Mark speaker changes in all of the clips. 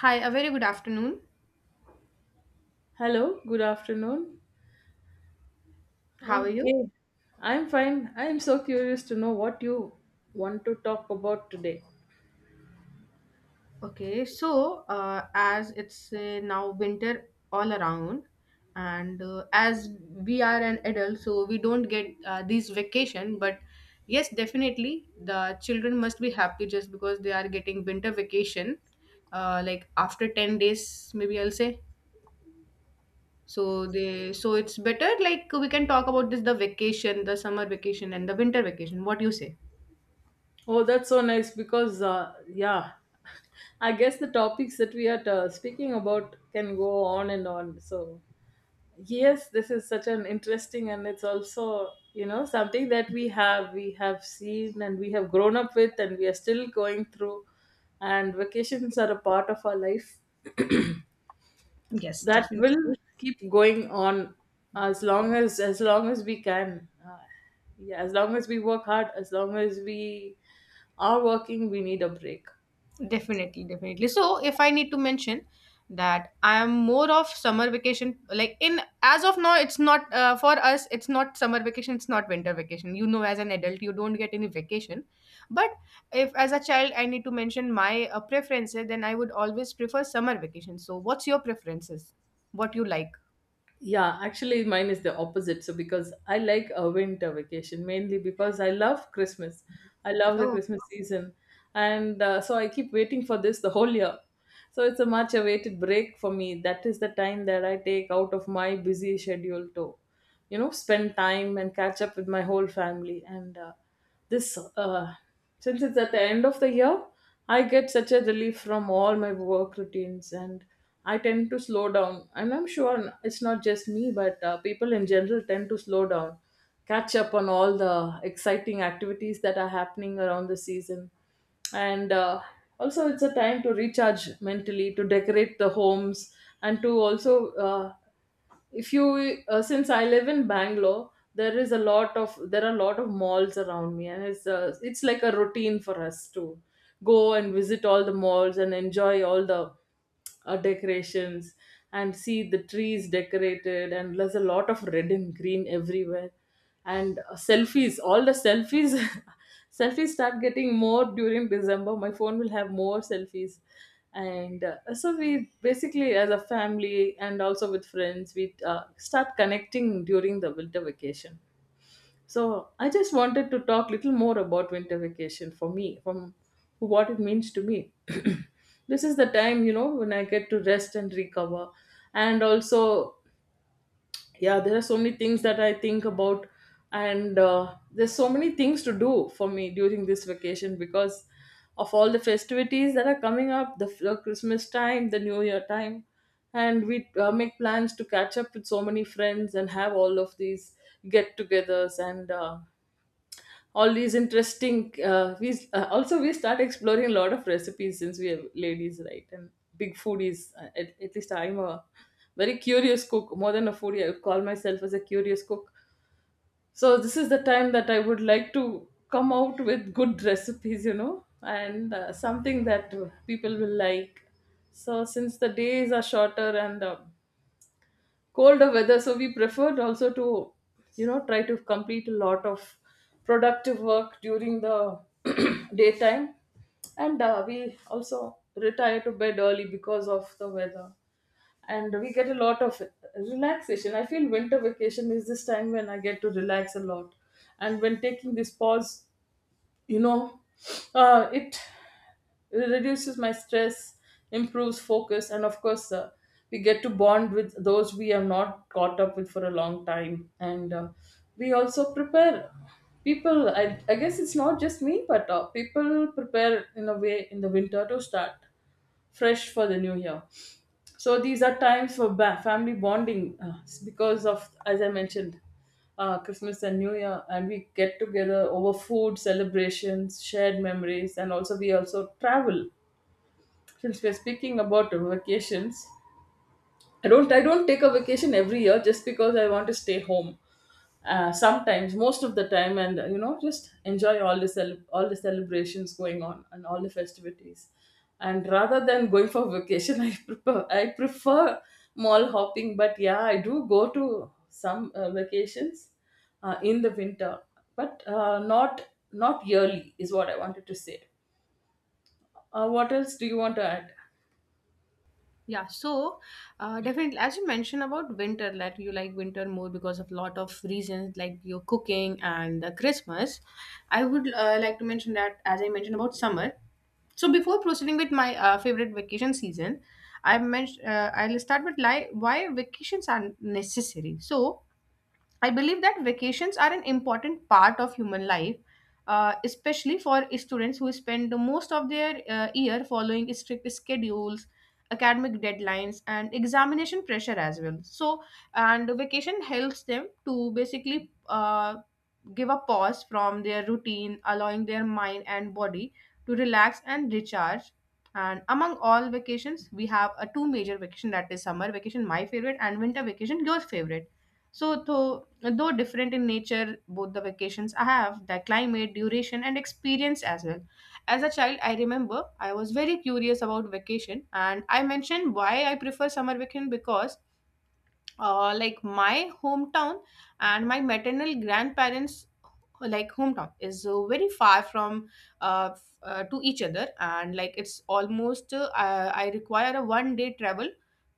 Speaker 1: Hi, a very good afternoon.
Speaker 2: Hello, good afternoon.
Speaker 1: How are you?
Speaker 2: Okay, I'm fine. I'm so curious to know what you want to talk about today.
Speaker 1: As it's now winter all around, and as we are an adult, so we don't get these vacation. But yes, definitely the children must be happy just because they are getting winter vacation, like after 10 days, maybe I'll say. So it's better. Like we can talk about this, the vacation, the summer vacation, and the winter vacation. What do you say?
Speaker 2: Oh, that's so nice because, yeah, I guess the topics that we are speaking about can go on and on. So, yes, this is such an interesting and it's also, you know, something that we have seen and we have grown up with and we are still going through. And vacations are a part of our life
Speaker 1: Yes,
Speaker 2: that will
Speaker 1: definitely.
Speaker 2: keep going on as long as we can yeah, as long as we work hard, as long as we are working, we need a break.
Speaker 1: Definitely, definitely. So, if I need to mention that I am more of summer vacation, like in as of now, it's not for us, it's not summer vacation, it's not winter vacation. You know, as an adult, you don't get any vacation. But if as a child, I need to mention my preferences, then I would always prefer summer vacation. So, what's your preferences? What you like?
Speaker 2: Yeah, actually, mine is the opposite. So, because I like a winter vacation mainly because I love Christmas, I love the Christmas season, and so I keep waiting for this the whole year. So, it's a much awaited break for me. That is the time that I take out of my busy schedule to, you know, spend time and catch up with my whole family. And this, uh, since it's at the end of the year, I get such a relief from all my work routines and I tend to slow down. And I'm sure it's not just me, but people in general tend to slow down, catch up on all the exciting activities that are happening around the season, and also it's a time to recharge mentally, to decorate the homes, and to also if you since I live in Bangalore, there are a lot of malls around me, and it's like a routine for us to go and visit all the malls and enjoy all the decorations and see the trees decorated, and there's a lot of red and green everywhere. And selfies all the selfies selfies start getting more during December. My phone will have more selfies. And so we basically as a family and also with friends, we start connecting during the winter vacation. So I just wanted to talk little more about winter vacation for me, from what it means to me. This is the time, you know, when I get to rest and recover, and also, yeah, there are so many things that I think about, and there's so many things to do for me during this vacation because of all the festivities that are coming up, the Christmas time, the New Year time. And we make plans to catch up with so many friends and have all of these get togethers, and all these interesting we also we start exploring a lot of recipes since we are ladies, right, and big foodies. At least I'm a very curious cook. More than a foodie, I would call myself as a curious cook. So this is the time that I would like to come out with good recipes, you know, and something that people will like. So since the days are shorter and colder weather, so we preferred also to, you know, try to complete a lot of productive work during the daytime. And we also retire to bed early because of the weather, and we get a lot of relaxation. I feel winter vacation is this time when I get to relax a lot. And when taking this pause, you know, it reduces my stress, improves focus, and of course we get to bond with those we have not caught up with for a long time. And we also prepare people I guess it's not just me, but people prepare in a way in the winter to start fresh for the new year. So these are times for family bonding, because of, as I mentioned, Christmas and New Year, and we get together over food, celebrations, shared memories, and also we also travel. Since we're speaking about vacations, I don't take a vacation every year just because I want to stay home sometimes, most of the time, and you know, just enjoy all the all the celebrations going on and all the festivities. And rather than going for vacation, I prefer mall hopping. But yeah, I do go to some vacations in the winter, but not yearly is what I wanted to say. What else do you want to add?
Speaker 1: Yeah, so Definitely, as you mentioned about winter, that you like winter more because of lot of reasons like your cooking and the Christmas. I would like to mention that as I mentioned about summer. So before proceeding with my favorite vacation season, I mentioned I'll start with like why vacations are necessary. So I believe that vacations are an important part of human life, especially for students who spend most of their year following strict schedules, academic deadlines, and examination pressure as well. So, and vacation helps them to basically give a pause from their routine, allowing their mind and body to relax and recharge. And among all vacations, we have a two major vacation that is summer vacation, my favorite, and winter vacation, your favorite. So, though different in nature, both the vacations I have, the climate, duration, and experience as well. As a child, I remember I was very curious about vacation, and I mentioned why I prefer summer vacation because like my hometown and my maternal grandparents like hometown is very far from to each other, and like it's almost I require a one day travel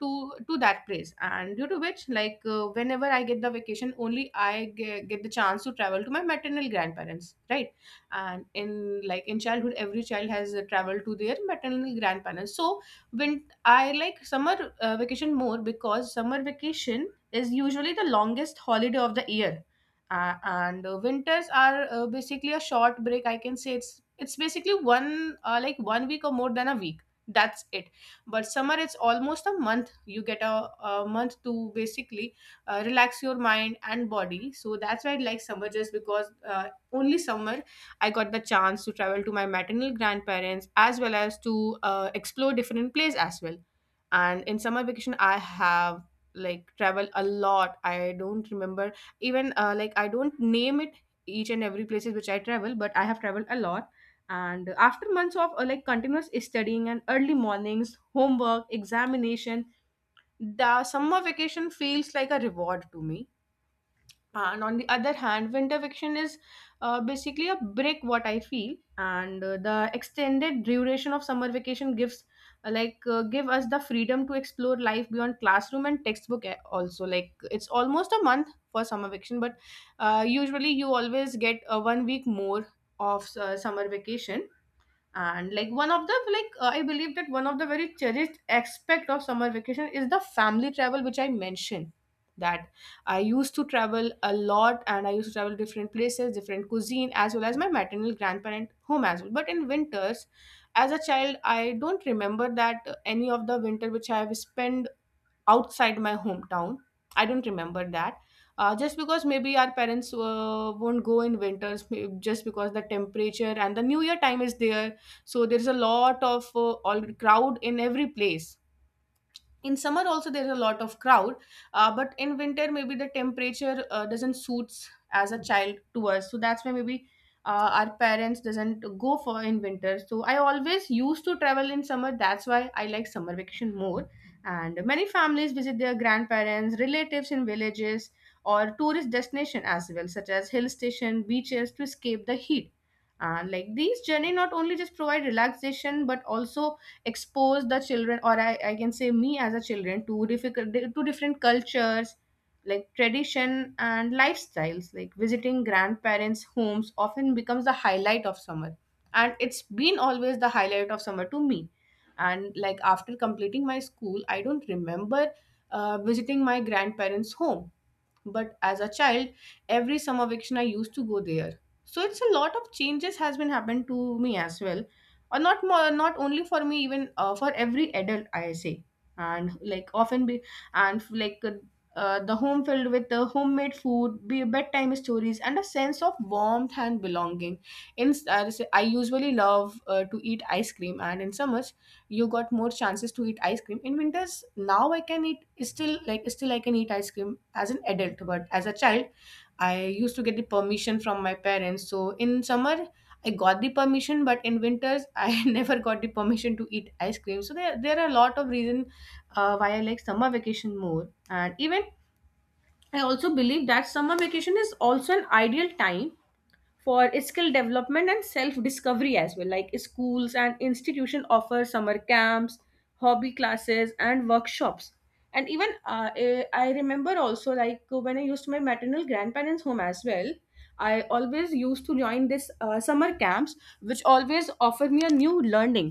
Speaker 1: to to that place, and due to which like whenever I get the vacation only I get the chance to travel to my maternal grandparents, right? And in like in childhood every child has traveled to their maternal grandparents. So when I like summer vacation more because summer vacation is usually the longest holiday of the year, and winters are basically a short break. I can say it's basically one like one week or more than a week. That's it. But summer it's almost a month. You get a month to basically relax your mind and body. So that's why I like summer just because only summer I got the chance to travel to my maternal grandparents as well as to explore different places as well. And in summer vacation, I have like travel a lot. I don't remember even I don't name it each and every places which I travel, but I have traveled a lot. And after months of like continuous studying and early mornings, homework, examination, the summer vacation feels like a reward to me, and on the other hand winter fiction is basically a break what I feel, and the extended duration of summer vacation gives give us the freedom to explore life beyond classroom and textbook. Also like it's almost a month for summer vacation, but usually you always get one week more of summer vacation. And like one of the I believe that one of the very cherished aspect of summer vacation is the family travel which I mentioned that I used to travel a lot, and I used to travel different places different cuisine as well as my maternal grandparent home as well. But in winters as a child I don't remember that any of the winter which I have spent outside my hometown. I don't remember that. Just because maybe our parents won't go in winters, just because the temperature and the New Year time is there, so there's a lot of all crowd in every place. In summer also there's a lot of crowd, but in winter maybe the temperature doesn't suits as a child to us, so that's why maybe our parents doesn't go for in winter, so I always used to travel in summer. That's why I like summer vacation more. And many families visit their grandparents relatives in villages or tourist destination as well, such as hill station beaches to escape the heat. And like these journey not only just provide relaxation but also expose the children, or I can say me as a children, to difficult to different cultures like tradition and lifestyles. Like visiting grandparents homes often becomes the highlight of summer, and it's been always the highlight of summer to me. And like after completing my school I don't remember visiting my grandparents home, but as a child every summer vacation I used to go there. So it's a lot of changes has been happened to me as well, or not more not only for me, even for every adult I say. And like often be and like The home filled with the homemade food, be bedtime stories, and a sense of warmth and belonging. In I usually love to eat ice cream, and in summers you got more chances to eat ice cream. In winters now I can eat, still I can eat ice cream as an adult, but as a child I used to get the permission from my parents. So in summer I got the permission, but in winters I never got the permission to eat ice cream. So there are a lot of reason why I like summer vacation more. And even I also believe that summer vacation is also an ideal time for skill development and self discovery as well. Like schools and institution offer summer camps, hobby classes, and workshops. And even I remember also like when I used my maternal grandparents home as well, I always used to join this summer camps which always offer me a new learning,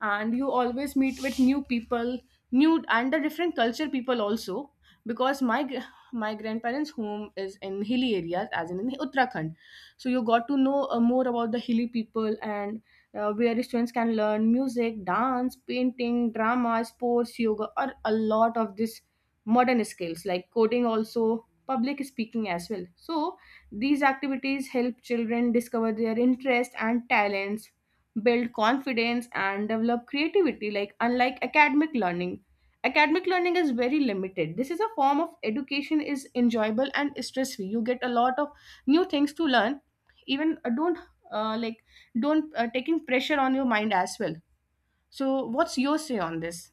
Speaker 1: and you always meet with new people, new and the different culture people also, because my grandparents home is in hilly areas as in Uttarakhand. So you got to know more about the hilly people, and where students can learn music, dance, painting, drama, sports, yoga, or a lot of this modern skills like coding also, public speaking as well. So these activities help children discover their interests and talents, build confidence, and develop creativity. Like unlike academic learning, academic learning is very limited. This is a form of education is enjoyable and stress free. You get a lot of new things to learn, even don't like don't taking pressure on your mind as well. So what's your say on this?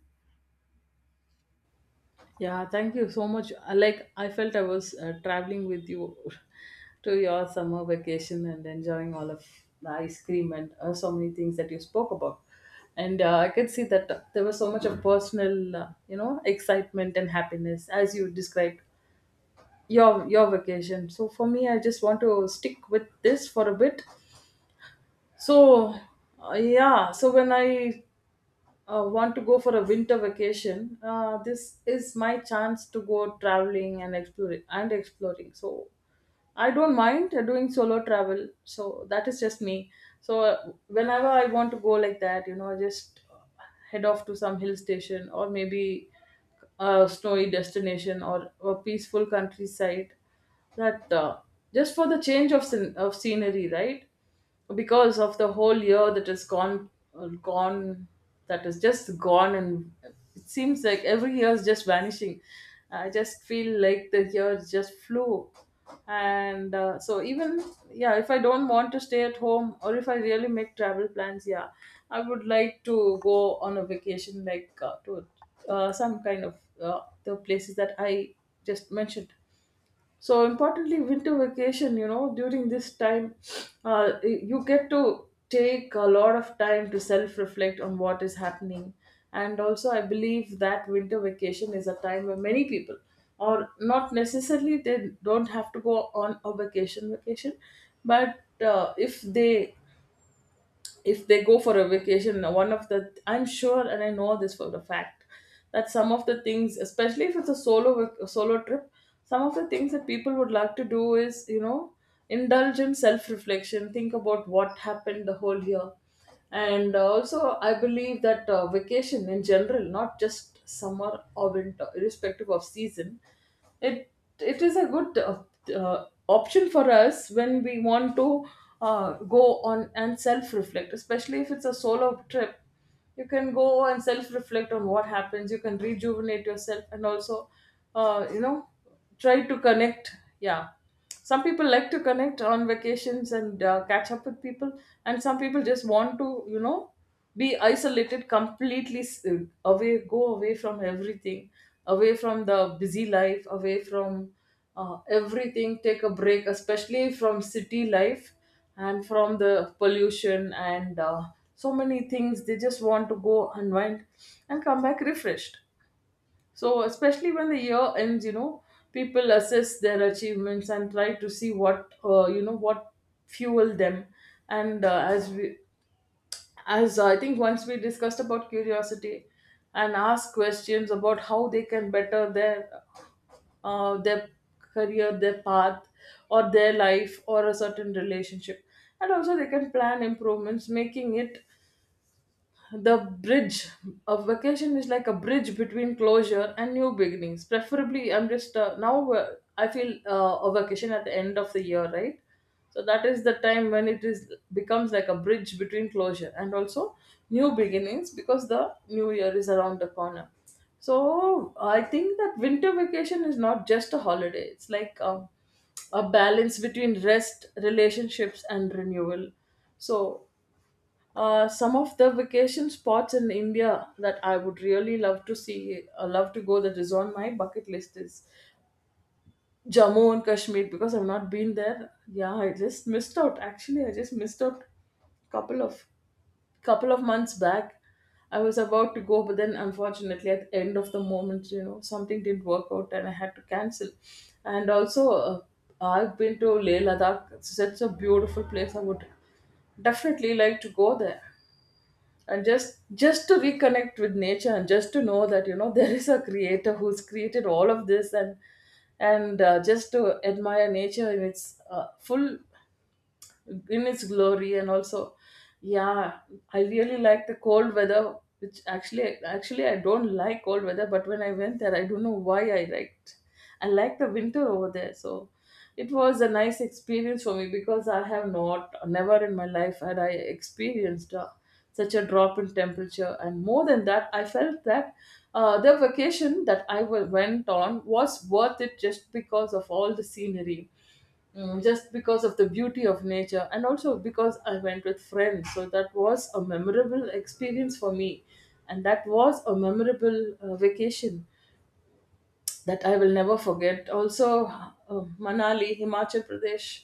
Speaker 2: Yeah, thank you so much. Like I felt I was traveling with you to your summer vacation and enjoying all of the ice cream and so many things that you spoke about. And I could see that there was so much of personal, you know, excitement and happiness as you described your vacation. So for me, I just want to stick with this for a bit. So yeah, so when I want to go for a winter vacation, this is my chance to go traveling and exploring. So I don't mind doing solo travel. So that is just me. So whenever I want to go like that, you know, I just head off to some hill station, or maybe a snowy destination, or a peaceful countryside. That just for the change of scenery, right? Because of the whole year that is gone, uh, gone that is just gone, and it seems like every year is just vanishing. I just feel like the year just flew. And so even yeah, if I don't want to stay at home, or if I really make travel plans, yeah, I would like to go on a vacation, like to some kind of the places that I just mentioned. So importantly, winter vacation, you know, during this time, you get to take a lot of time to self-reflect on what is happening. And also, I believe that winter vacation is a time where many people, or not necessarily, they don't have to go on a vacation vacation, but if they go for a vacation, one of the, I'm sure, and I know this for the fact that some of the things, especially if it's a a solo trip, some of the things that people would like to do is, you know, indulge in self reflection, think about what happened the whole year. And also I believe that vacation in general, not just summer or winter, irrespective of season, it it is a good option for us when we want to go on and self reflect, especially if it's a solo trip. You can go and self reflect on what happens, you can rejuvenate yourself, and also, you know, try to connect. Yeah, some people like to connect on vacations and catch up with people, and some people just want to, you know, be isolated completely. Away, go away from everything, away from the busy life, away from everything. Take a break, especially from city life and from the pollution, and so many things. They just want to go unwind and come back refreshed. So, especially when the year ends, you know, people assess their achievements and try to see what, you know, what fueled them. And as I think once we discussed about curiosity, and ask questions about how they can better their career, their path, or their life, or a certain relationship. And also, they can plan improvements, making it the bridge a vacation is like a bridge between closure and new beginnings. Preferably, I'm just now I feel a vacation at the end of the year, right? So that is the time when it is becomes like a bridge between closure and also new beginnings, because the new year is around the corner. So I think that winter vacation is not just a holiday, it's like a balance between rest, relationships, and renewal. So some of the vacation spots in India that I would really love to see, love to go, that is on my bucket list, is Jammu and Kashmir, because I've not been there. Yeah, I just missed out. Actually, I just missed out couple of couple of months back. I was about to go, but then unfortunately, at the end of the moment, you know, something didn't work out, and I had to cancel. And also, I've been to Leh Ladakh. It's such a beautiful place. I would definitely like to go there and just to reconnect with nature and just to know that you know there is a creator who's created all of this and just to admire nature in its full in its glory and also yeah, I really like the cold weather. Which actually actually I don't like cold weather, but when I went there, I don't know why I like the winter over there. So it was a nice experience for me because I have not, never in my life had I experienced such a drop in temperature. And more than that, I felt that the vacation that went on was worth it, just because of all the scenery, just because of the beauty of nature, and also because I went with friends. So that was a memorable experience for me, and that was a memorable vacation that I will never forget. Also, Manali, Himachal Pradesh.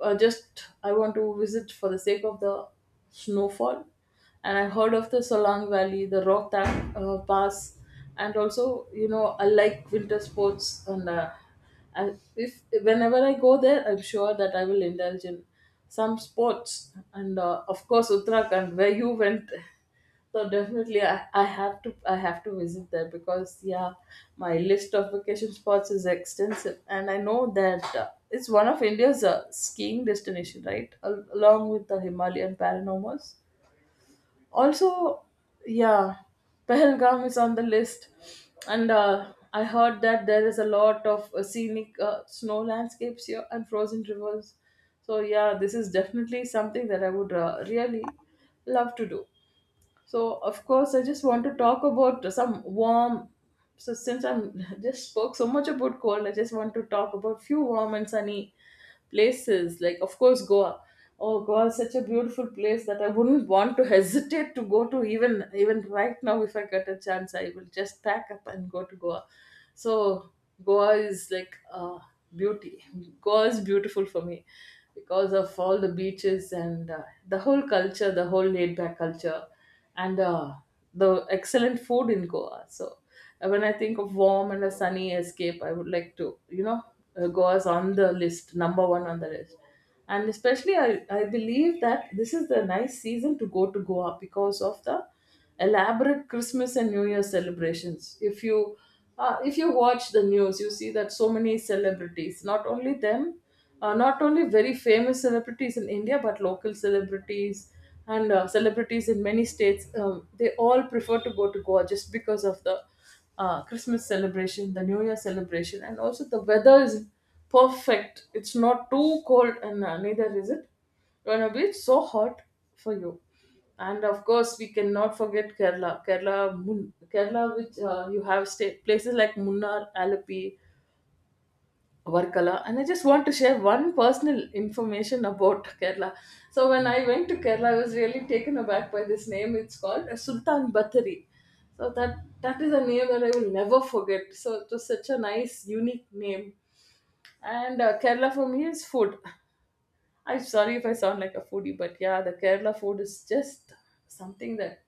Speaker 2: Just I want to visit for the sake of the snowfall, and I heard of the Solang Valley, the Rohtak Pass, and also you know I like winter sports, and if whenever I go there, I'm sure that I will indulge in some sports, and of course Uttarakhand, where you went. So definitely, I have to visit there because yeah, my list of vacation spots is extensive, and I know that it's one of India's skiing destination, right? Along with the Himalayan Paranormals. Also, yeah, Pahalgam is on the list, and I heard that there is a lot of scenic snow landscapes here and frozen rivers. So yeah, this is definitely something that I would really love to do. So, of course, I just want to talk about some warm. So, since I'm just spoke so much about cold, I just want to talk about few warm and sunny places. Like, of course, Goa. Oh, Goa is such a beautiful place that I wouldn't want to hesitate to go to even right now. If I get a chance, I will just pack up and go to Goa. So Goa is like beauty. Goa is beautiful for me because of all the beaches and the whole culture, the whole laid back culture, and the excellent food in Goa. So when I think of warm and a sunny escape, I would like to, you know, Goa's on the list, number one on the list. And especially, I believe that this is the nice season to go to Goa because of the elaborate Christmas and New Year celebrations. If you watch the news, you see that so many celebrities, not only them, not only very famous celebrities in India, but local celebrities and celebrities in many states, they all prefer to go to Goa just because of the Christmas celebration, the New Year celebration, and also the weather is perfect. It's not too cold, and neither is it gonna be so hot for you. And of course, we cannot forget Kerala. Kerala, which you have state places like Munnar, Alapi, Varkala. And I just want to share one personal information about Kerala. So when I went to Kerala, I was really taken aback by this name. It's called Sultan Bathari. So that is a name that I will never forget. So it was such a nice, unique name. And Kerala for me is food. I'm sorry if I sound like a foodie, but yeah, the Kerala food is just something that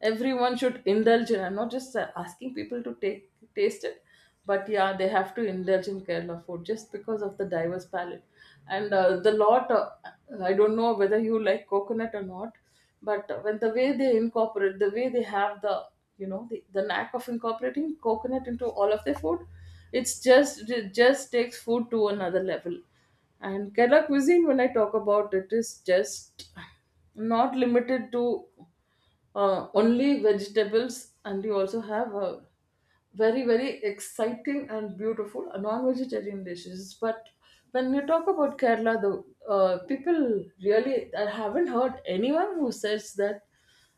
Speaker 2: everyone should indulge in. I'm not just asking people to take taste it, but yeah, they have to indulge in Kerala food just because of the diverse palate. And uh, the lot, uh, I don't know whether you like coconut or not, but when the way they incorporate, the way they have the you know the knack of incorporating coconut into all of their food, it just takes food to another level. And Kerala cuisine, when I talk about it, is just not limited to only vegetables, and you also have very exciting and beautiful non-vegetarian dishes. But when you talk about Kerala, the people really, I haven't heard anyone who says that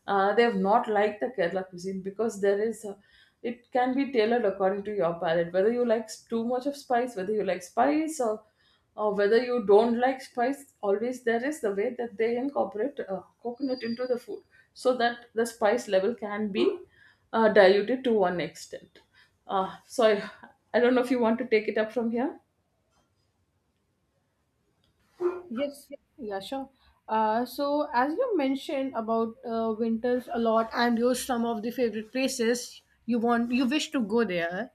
Speaker 2: they have not liked the Kerala cuisine, because there is it can be tailored according to your palate. Whether you like too much of spice, whether you like spice or whether you don't like spice, always there is the way that they incorporate coconut into the food so that the spice level can be diluted to one extent. So I don't know if you want to take it up from here.
Speaker 1: Yes, yeah, sure. As you mentioned about winters a lot and your some of the favorite places you want, you wish to go there.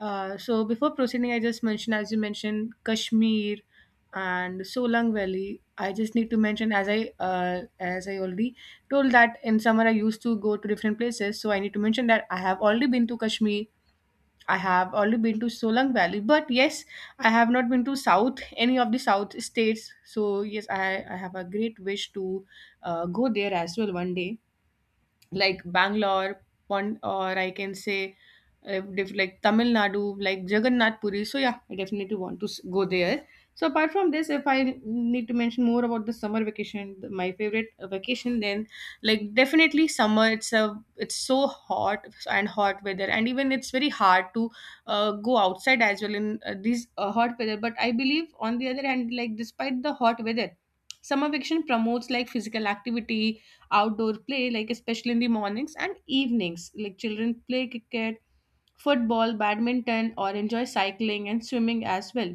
Speaker 1: Before proceeding, I just mentioned, as you mentioned, Kashmir and Solang Valley. I just need to mention, as I already told that in summer I used to go to different places. So I need to mention that I have already been to Kashmir. I have only been to Solang Valley, but yes, I have not been to South, any of the South states. So yes, I have a great wish to go there as well one day, like Bangalore, Pond, or I can say like Tamil Nadu, like Jagannath Puri. So yeah, I definitely want to go there. So apart from this, if I need to mention more about the summer vacation, my favorite vacation, then like definitely summer. It's so hot and hot weather, and even it's very hard to go outside as well in these hot weather. But I believe on the other hand, like despite the hot weather, summer vacation promotes like physical activity, outdoor play, like especially in the mornings and evenings. Like children play cricket, football, badminton, or enjoy cycling and swimming as well.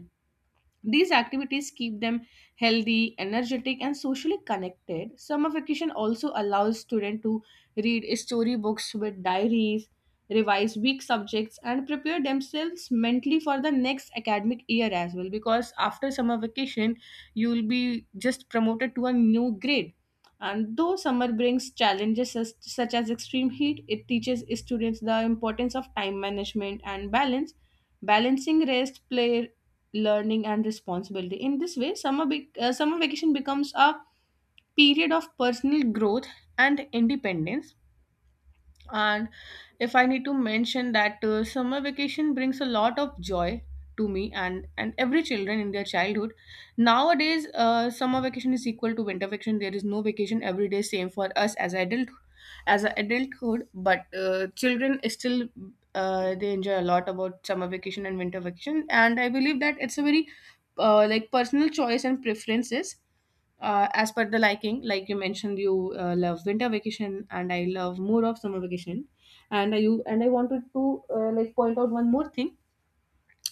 Speaker 1: These activities keep them healthy, energetic, and socially connected. Summer vacation also allows students to read storybooks with diaries, revise weak subjects, and prepare themselves mentally for the next academic year as well. Because after summer vacation, you will be just promoted to a new grade. And though summer brings challenges such as extreme heat, it teaches students the importance of time management and balance balancing rest, play, learning, and responsibility. In this way, summer vacation becomes a period of personal growth and independence. And if I need to mention that, summer vacation brings a lot of joy to me, and every children in their childhood. Nowadays, summer vacation is equal to winter vacation. There is no vacation every day, same for us as adult, as a adulthood. But children is still, they enjoy a lot about summer vacation and winter vacation. And I believe that it's a very, like, personal choice and preferences, as per the liking, like you mentioned you love winter vacation and I love more of summer vacation. And you, and I wanted to like point out one more thing.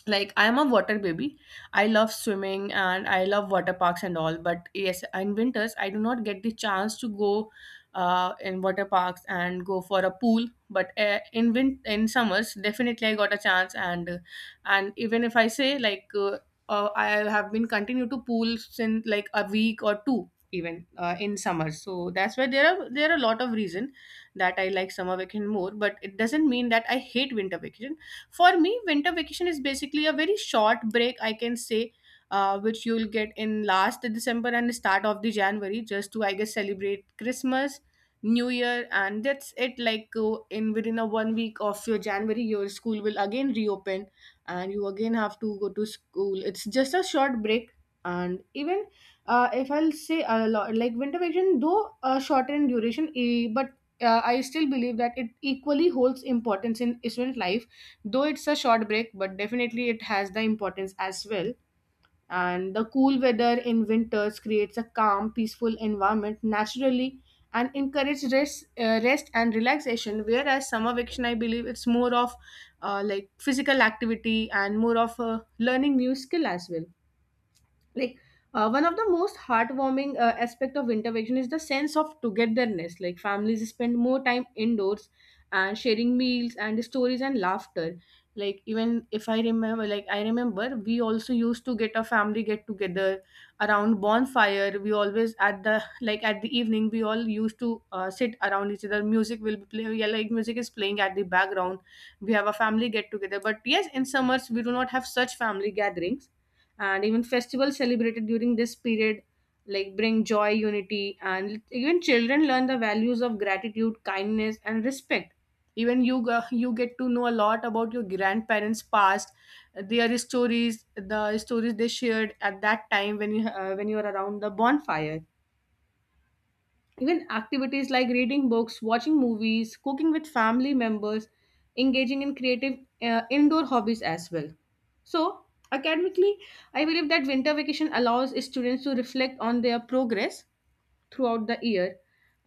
Speaker 1: Like, I'm a water baby. I love swimming and I love water parks and all, but yes, in winters I do not get the chance to go in water parks and go for a pool. But in summers definitely I got a chance. And and even if I say like, I have been continue to pool since like a week or two, even in summer. So that's why there are a lot of reason that I like summer vacation more, but it doesn't mean that I hate winter vacation. For me, winter vacation is basically a very short break, I can say, which you'll get in last December and start of the January, just to I guess celebrate Christmas, New Year, and that's it. Like, in within a one week of your January, your school will again reopen, and you again have to go to school. It's just a short break, and even, if I'll say a lot, like, winter vacation, though shorter in duration, eh, but I still believe that it equally holds importance in student life. Though it's a short break, but definitely it has the importance as well. And the cool weather in winters creates a calm, peaceful environment naturally, and encourages rest, rest and relaxation, whereas summer vacation, I believe, it's more of like physical activity and more of learning new skill as well. Like, one of the most heartwarming aspect of winter vacation is the sense of togetherness, like families spend more time indoors and sharing meals and stories and laughter. Like, even if I remember, like, I remember we also used to get a family get together around bonfire. We always at the, like at the evening, we all used to sit around each other, music will be playing, yeah, like music is playing at the background. We have a family get together, but yes, in summers we do not have such family gatherings. And even festivals celebrated during this period, like, bring joy, unity, and even children learn the values of gratitude, kindness, and respect. Even you get to know a lot about your grandparents past, their stories, the stories they shared at that time when you, when you are around the bonfire. Even activities like reading books, watching movies, cooking with family members, engaging in creative indoor hobbies as well. So, academically, I believe that winter vacation allows students to reflect on their progress throughout the year,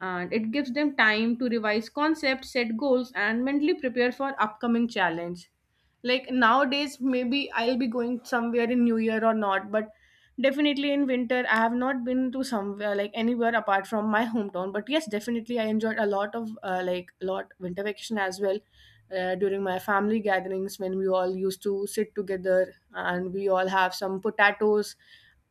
Speaker 1: and it gives them time to revise concepts, set goals, and mentally prepare for upcoming challenge. Like, nowadays maybe I'll be going somewhere in new year or not, but definitely in winter I have not been to somewhere, like anywhere apart from my hometown. But yes, definitely I enjoyed a lot of, like, a lot winter vacation as well, during my family gatherings, when we all used to sit together and we all have some potatoes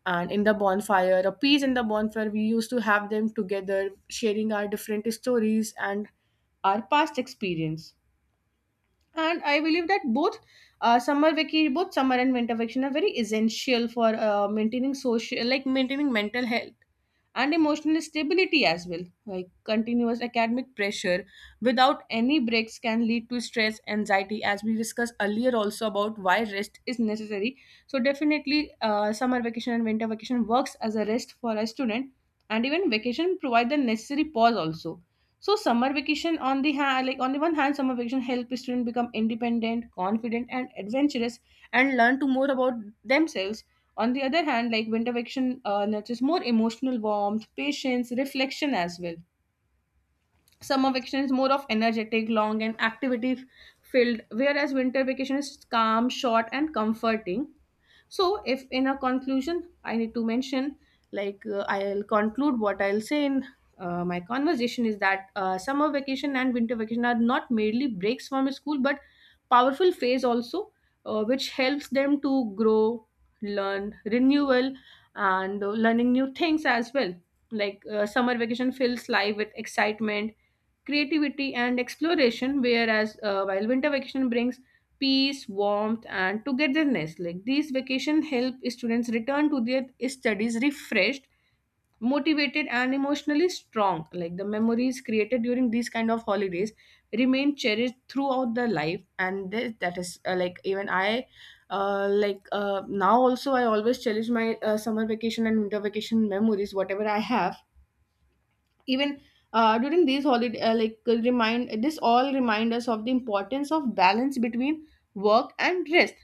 Speaker 1: and in the bonfire, a peas in the bonfire, we used to have them together, sharing our different stories and our past experience. And I believe that both, summer vacation both summer and winter vacation are very essential for maintaining social, like maintaining mental health and emotional stability as well. Like, continuous academic pressure without any breaks can lead to stress, anxiety, as we discussed earlier also about why rest is necessary. So definitely, summer vacation and winter vacation works as a rest for a student, and even vacation provide the necessary pause also. So summer vacation on the hand, like on the one hand, summer vacation help students become independent, confident, and adventurous, and learn to more about themselves. On the other hand, like, winter vacation nurtures more emotional warmth, patience, reflection as well. Summer vacation is more of energetic, long, and activity filled, whereas winter vacation is calm, short, and comforting. So if in a conclusion I need to mention, like, I'll conclude what I'll say in my conversation is that summer vacation and winter vacation are not merely breaks from school, but powerful phase also, which helps them to grow, learn, renewal, and learning new things as well. Like, summer vacation fills life with excitement, creativity, and exploration, whereas while winter vacation brings peace, warmth, and togetherness. Like, these vacation help students return to their studies refreshed, motivated, and emotionally strong. Like, the memories created during these kind of holidays remain cherished throughout the life, and this, that is, like even I. Like, now also I always cherish my summer vacation and winter vacation memories whatever I have. Even during these holiday, like, remind this, all remind us of the importance of balance between work and rest.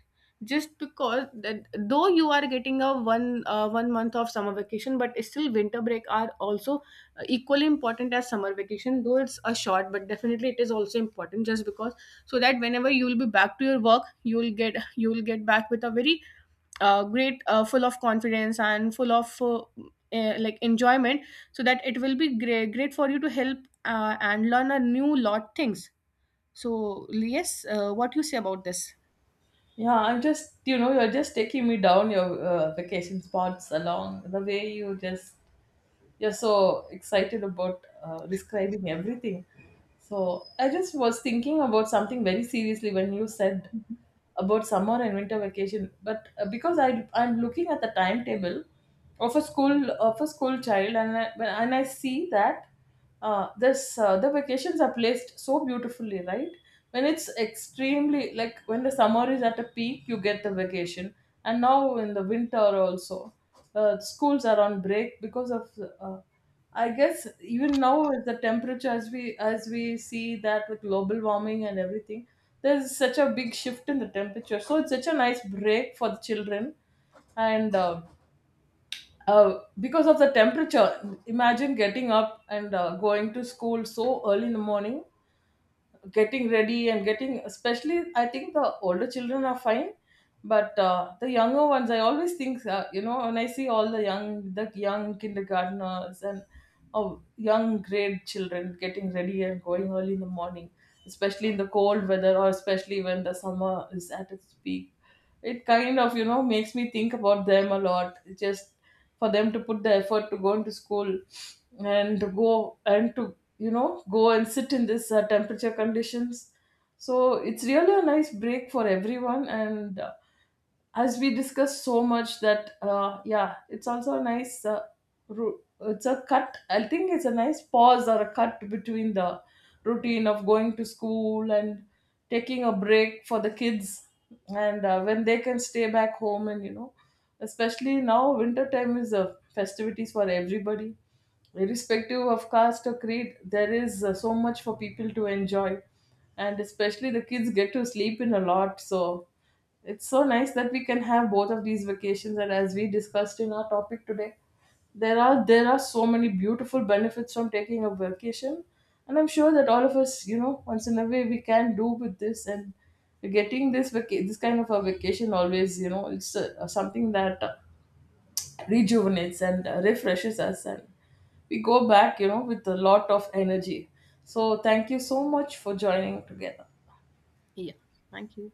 Speaker 1: Just because that though you are getting a one month of summer vacation, but still winter break are also equally important as summer vacation, though it's a short, but definitely it is also important. Just because, so that whenever you will be back to your work, you will get, back with a very great, full of confidence and full of like, enjoyment. So that it will be great, great for you to help, and learn a new lot things. So yes, what you say about this?
Speaker 2: Yeah, I'm just, you know, you're just taking me down your vacation spots along the way. You just, you're so excited about describing everything. So I just was thinking about something very seriously when you said about summer and winter vacation. But because I'm looking at the timetable of a school child, and I see that this the vacations are placed so beautifully, right? When it's extremely, like, when the summer is at a peak, you get the vacation, and now in the winter also schools are on break because of uh, I guess even now with the temperature, as we see that with global warming and everything, there's such a big shift in the temperature. So it's such a nice break for the children, and because of the temperature, imagine getting up and going to school so early in the morning, getting ready and getting, especially I think the older children are fine, but the younger ones I always think, you know, when I see all the young kindergartners and oh, young grade children getting ready and going early in the morning, especially in the cold weather or especially when the summer is at its peak, it kind of, you know, makes me think about them a lot. It's just for them to put the effort to go into school and to, you know, go and sit in this temperature conditions. So it's really a nice break for everyone. And as we discussed so much that yeah, it's also a nice ru it's a cut, I think it's a nice pause or a cut between the routine of going to school and taking a break for the kids. And when they can stay back home, and, you know, especially now winter time is a festivities for everybody, irrespective of caste or creed. There is so much for people to enjoy, and especially the kids get to sleep in a lot. So it's so nice that we can have both of these vacations, and as we discussed in our topic today, there are so many beautiful benefits from taking a vacation. And I'm sure that all of us, you know, once in a way we can do with this, and getting this this kind of a vacation always, you know, it's something that rejuvenates and refreshes us, and we go back, you know, with a lot of energy. So thank you so much for joining together.
Speaker 1: Yeah, thank you.